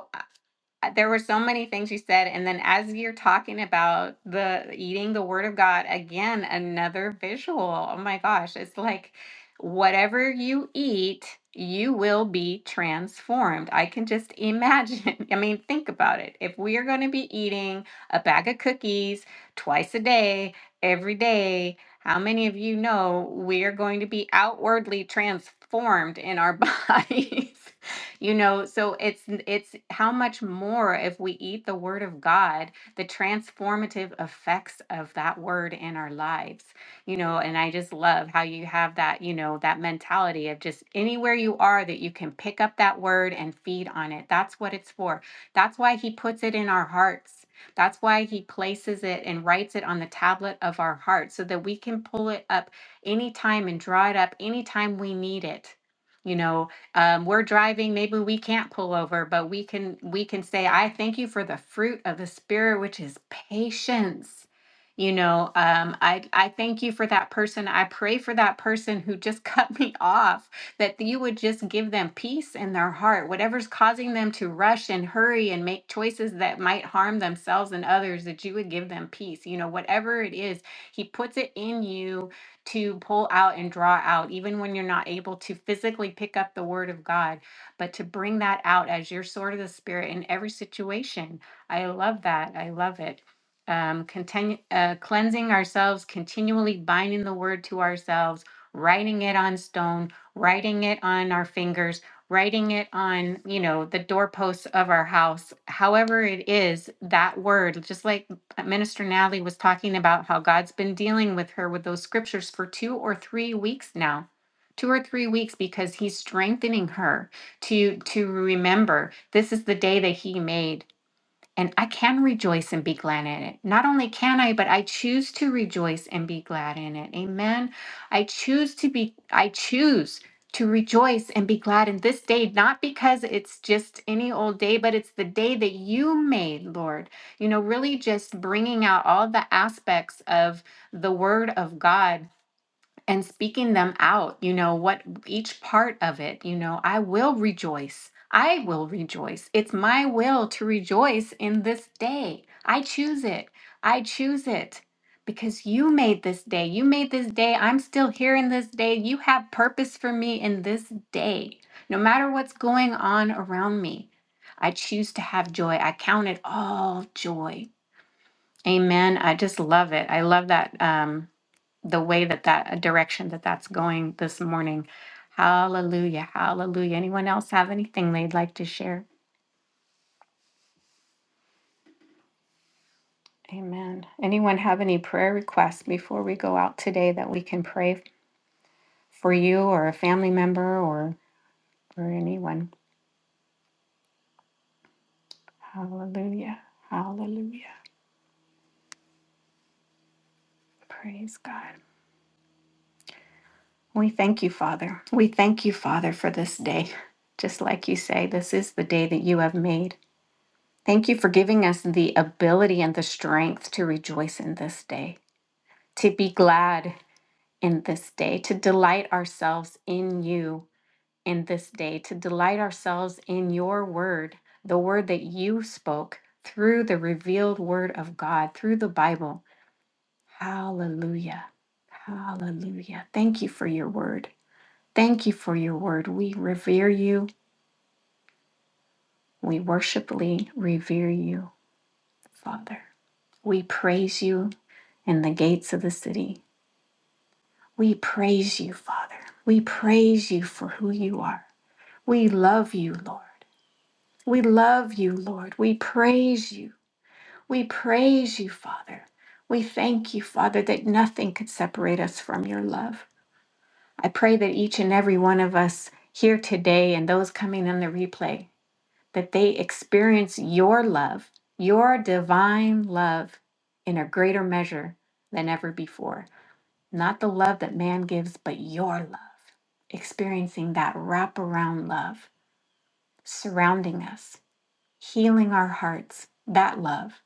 [SPEAKER 1] uh, there were so many things you said and then as you're talking about the eating the word of god again another visual oh my gosh it's like whatever you eat you will be transformed i can just imagine i mean think about it if we are going to be eating a bag of cookies twice a day every day how many of you know we are going to be outwardly transformed in our bodies you know so it's it's how much more if we eat the word of god the transformative effects of that word in our lives you know and i just love how you have that you know that mentality of just anywhere you are that you can pick up that word and feed on it that's what it's for that's why he puts it in our hearts that's why he places it and writes it on the tablet of our heart so that we can pull it up anytime and draw it up anytime we need it you know um, we're driving maybe we can't pull over but we can we can say i thank you for the fruit of the spirit which is patience you know um, i i thank you for that person i pray for that person who just cut me off that you would just give them peace in their heart whatever's causing them to rush and hurry and make choices that might harm themselves and others that you would give them peace you know whatever it is he puts it in you to pull out and draw out, even when you're not able to physically pick up the word of God, but to bring that out as your sword of the spirit in every situation. I love that. I love it. Um, continue, uh, cleansing ourselves, continually binding the word to ourselves, writing it on stone, writing it on our fingers, writing it on, you know, the doorposts of our house. However, it is that word, just like uh, Minister Natalie was talking about how God's been dealing with her with those scriptures for two or three weeks now. Two or three weeks because he's strengthening her to to remember this is the day that he made and I can rejoice and be glad in it. Not only can I, but I choose to rejoice and be glad in it. Amen. I choose to be, I choose to rejoice and be glad in this day, not because it's just any old day, but it's the day that you made, Lord. You know, really just bringing out all the aspects of the word of God and speaking them out, you know, what each part of it, you know, I will rejoice. I will rejoice. It's my will to rejoice in this day. I choose it. I choose it because you made this day. You made this day. I'm still here in this day. You have purpose for me in this day, no matter what's going on around me. I choose to have joy. I count it all joy. Amen. I just love it. I love that. Um, the way that that direction that that's going this morning. Hallelujah. Hallelujah. Anyone else have anything they'd like to share? Amen. Anyone have any prayer requests before we go out today that we can pray for you or a family member or for anyone? Hallelujah. Hallelujah. Praise God. We thank you, Father. We thank you, Father, for this day. Just like you say, this is the day that you have made. Thank you for giving us the ability and the strength to rejoice in this day. to be glad in this day, to delight ourselves in you in this day, to delight ourselves in your word, the word that you spoke through the revealed word of God, through the Bible. Hallelujah. Hallelujah. Thank you for your word. Thank you for your word. We revere you. We worshipfully revere you, Father. We praise you in the gates of the city. We praise you, Father. We praise you for who you are. We love you, Lord. We love you, Lord. We praise you. We praise you, Father. We thank you, Father, that nothing could separate us from your love. I pray that each and every one of us here today and those coming on the replay, that they experience your love, your divine love in a greater measure than ever before. Not the love that man gives, but your love. Experiencing that wraparound love surrounding us, healing our hearts, that love,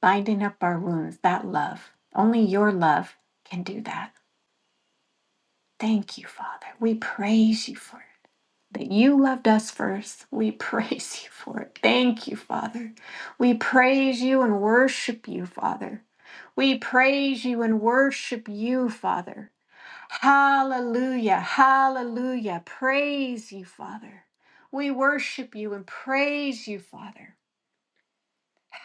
[SPEAKER 1] binding up our wounds, that love. Only your love can do that. Thank you, Father. We praise you for it. That you loved us first. We praise you for it. Thank you, Father. We praise you and worship you, Father. We praise you and worship you, Father. Hallelujah. Hallelujah. Praise you, Father. We worship you and praise you, Father.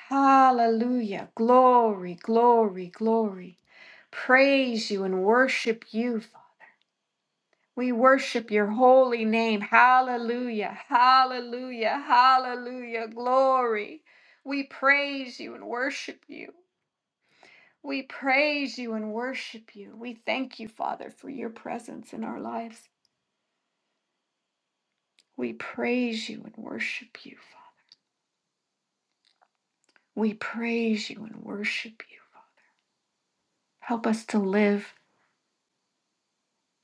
[SPEAKER 1] Hallelujah. Glory, glory, glory. Praise you and worship you, Father. We worship your holy name. Hallelujah. Hallelujah. Hallelujah. Glory. We praise you and worship you. We praise you and worship you. We thank you, Father, for your presence in our lives. We praise you and worship you, Father. We praise you and worship you, Father. Help us to live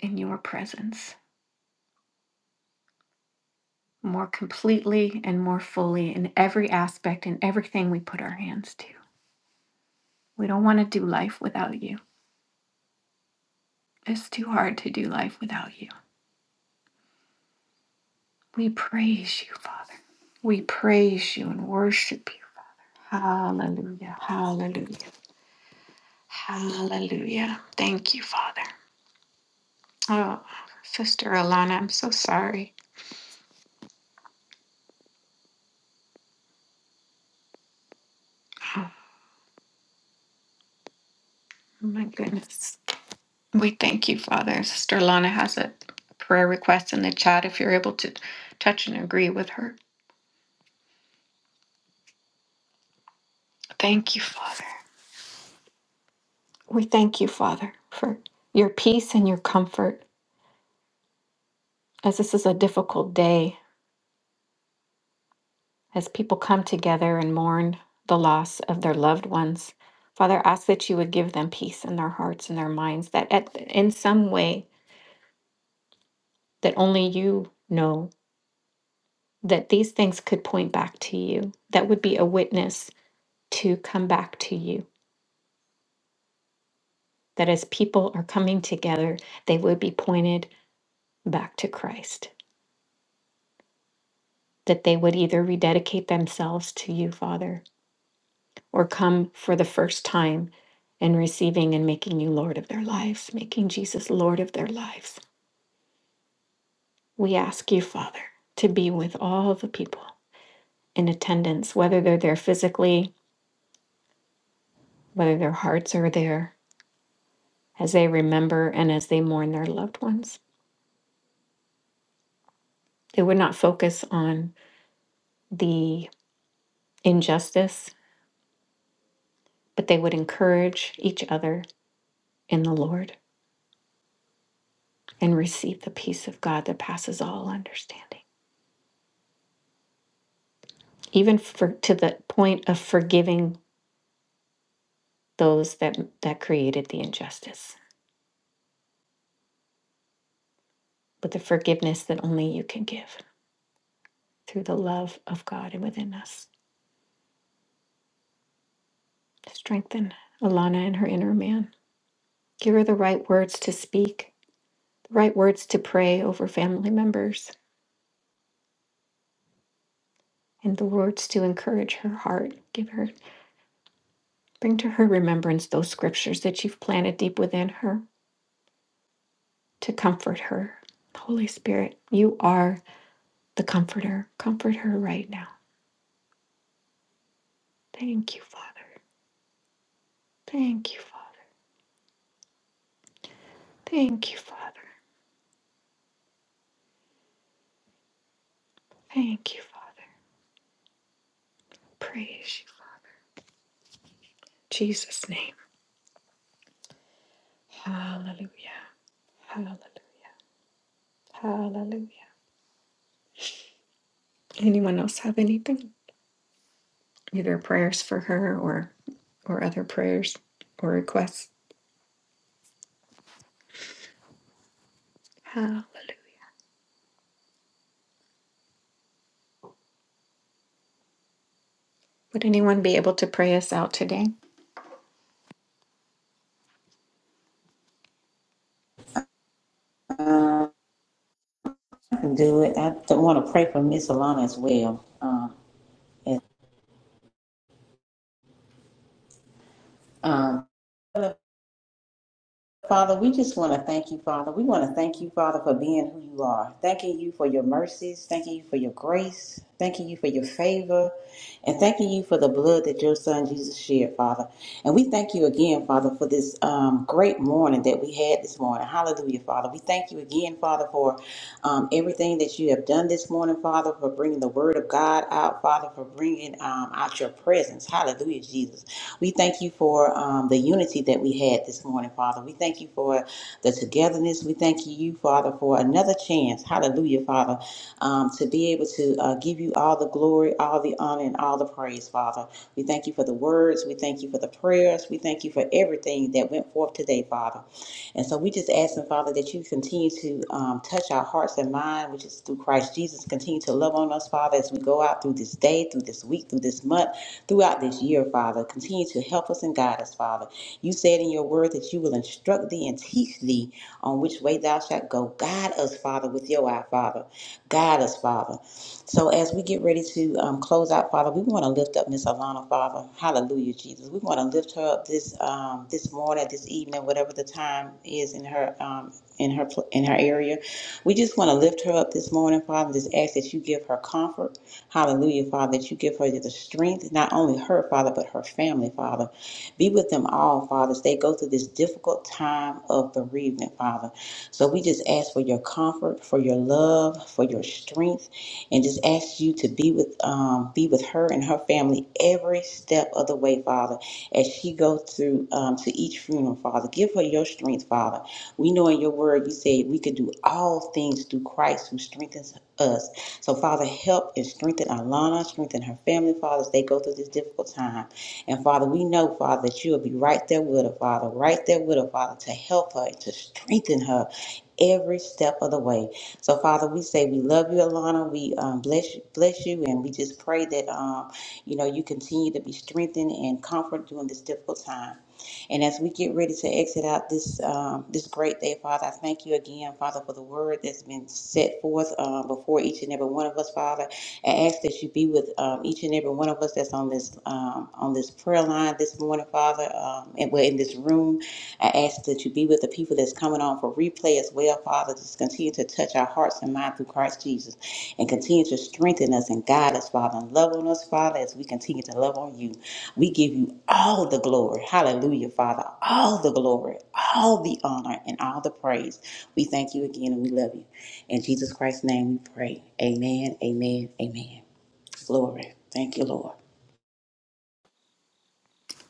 [SPEAKER 1] in your presence more completely and more fully in every aspect and everything we put our hands to. We don't want to do life without you. It's too hard to do life without you. We praise you, Father. We praise you and worship you. Hallelujah. Hallelujah. Hallelujah. Thank you, Father. Oh, Sister Alana, I'm so sorry. Oh, Oh my goodness. We thank you, Father. Sister Lana has a prayer request in the chat if you're able to touch and agree with her. Thank you, Father. We thank you, Father, for your peace and your comfort as this is a difficult day, as people come together and mourn the loss of their loved ones. Father, ask that you would give them peace in their hearts and their minds, that at, in some way that only you know, that these things could point back to you, that would be a witness to come back to you. That as people are coming together, they would be pointed back to Christ. That they would either rededicate themselves to you, Father, or come for the first time and receiving and making you Lord of their lives, making Jesus Lord of their lives. We ask you, Father, to be with all the people in attendance, whether they're there physically, whether their hearts are there, as they remember and as they mourn their loved ones. They would not focus on the injustice, but they would encourage each other in the Lord and receive the peace of God that passes all understanding, even for, to the point of forgiving those that, that created the injustice, with the forgiveness that only you can give through the love of God and within us. Strengthen Alana and her inner man. Give her the right words to speak, the right words to pray over family members, and the words to encourage her heart. Give her Bring to her remembrance those scriptures that you've planted deep within her to comfort her. Holy Spirit, you are the comforter. Comfort her right now. Thank you, Father. Thank you, Father. Thank you, Father. Thank you, Father. Praise you. In Jesus' name. Hallelujah. Hallelujah. Hallelujah. Anyone else have anything? Either prayers for her or or other prayers or requests. Hallelujah. Would anyone be able to pray us out today?
[SPEAKER 3] Um, I can do it. I want to pray for Miss Alana as well. Um, and, um, Father, we just want to thank you, Father. We want to thank you, Father, for being who you are. Thanking you for your mercies. Thanking you for your grace. Thanking you for your favor. And thanking you for the blood that your son Jesus shed, Father. And we thank you again, Father, for this um, great morning that we had this morning. Hallelujah, Father. We thank you again, Father, for um, everything that you have done this morning, Father, for bringing the word of God out, Father, for bringing um, out your presence. Hallelujah, Jesus. We thank you for um, the unity that we had this morning, Father. We thank you for the togetherness. We thank you, Father, for another chance. Hallelujah, Father, um, to be able to uh, give you all the glory, all the honor, and all the praise, Father. We thank you for the words. We thank you for the prayers. We thank you for everything that went forth today, Father. And so we just ask them, Father, that you continue to um, touch our hearts and mind, which is through Christ Jesus. Continue to love on us, Father, as we go out through this day, through this week, through this month throughout this year, Father. Continue to help us and guide us, Father. You said in your word that you will instruct thee and teach thee on which way thou shalt go. Guide us, Father, with your eye, Father. Guide us, Father. So as we get ready to um, close out, Father, we want to lift up Miss Alana, Father. Hallelujah, Jesus. We want to lift her up this um, this morning, this evening, whatever the time is in her um, in her in her area. We just want to lift her up this morning, Father. Just ask that you give her comfort. Hallelujah, Father, that you give her the strength, not only her, Father, but her family, Father. Be with them all, Father, as they go through this difficult time of bereavement, Father. So we just ask for your comfort, for your love, for your strength, and just ask you to be with um, be with her and her family every step of the way, Father, as she goes through um, to each funeral, Father. Give her your strength, Father. We know in your word you say we could do all things through Christ who strengthens us. So, Father, help and strengthen Alana, strengthen her family, Father, as they go through this difficult time. And, Father, we know, Father, that you will be right there with her, Father, right there with her, Father, to help her and to strengthen her every step of the way. So, Father, we say we love you, Alana. We um, bless you, bless you, and we just pray that um, you know you continue to be strengthened and comfort during this difficult time. And as we get ready to exit out this um, this great day, Father, I thank you again, Father, for the word that's been set forth uh, before each and every one of us, Father. I ask that you be with um, each and every one of us that's on this um, on this prayer line this morning, Father, um, and we're in this room. I ask that you be with the people that's coming on for replay as well, Father. Just continue to touch our hearts and minds through Christ Jesus and continue to strengthen us and guide us, Father, and love on us, Father, as we continue to love on you. We give you all the glory. Hallelujah, Father. All the glory, all the honor, and all the praise. We thank you again and we love you. In Jesus Christ's name we pray. Amen, amen, amen. Glory. Thank you, Lord.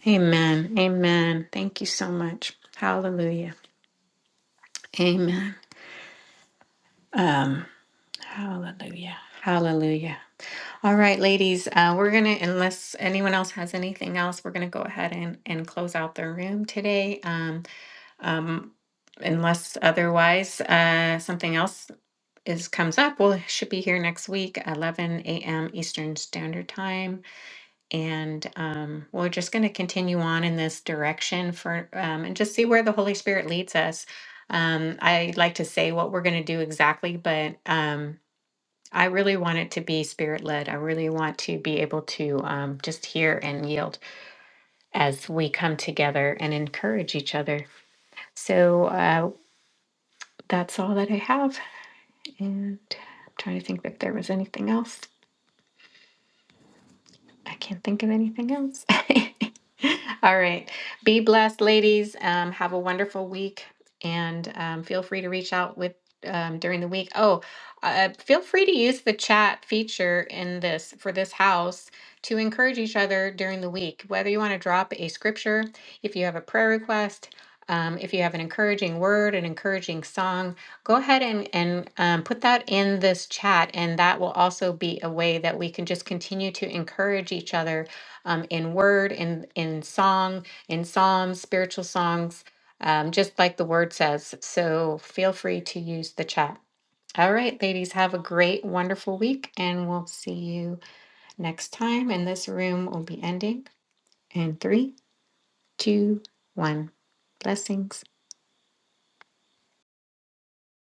[SPEAKER 1] Amen. Amen. Thank you so much. Hallelujah. Amen. Um, hallelujah. Hallelujah. All right, ladies, uh, we're going to, unless anyone else has anything else, we're going to go ahead and, and close out the room today. Um, um, unless otherwise uh, something else is comes up, we'll should be here next week, 11 a.m. Eastern Standard Time. and um, we're just going to continue on in this direction for um, and just see where the holy spirit leads us um, i like to say what we're going to do exactly but um, i really want it to be spirit led i really want to be able to um, just hear and yield as we come together and encourage each other so uh, that's all that i have and i'm trying to think if there was anything else I can't think of anything else. All right. Be blessed, ladies. Um, have a wonderful week and um, feel free to reach out with um, during the week. Oh, uh, feel free to use the chat feature in this for this house to encourage each other during the week. Whether you want to drop a scripture, if you have a prayer request, um, if you have an encouraging word, an encouraging song, Go ahead and, and um, put that in this chat, and that will also be a way that we can just continue to encourage each other um, in word, in, in song, in psalms, spiritual songs, um, just like the word says. So feel free to use the chat. All right, ladies, have a great, wonderful week, and we'll see you next time. And this room will be ending in three, two, one. Blessings.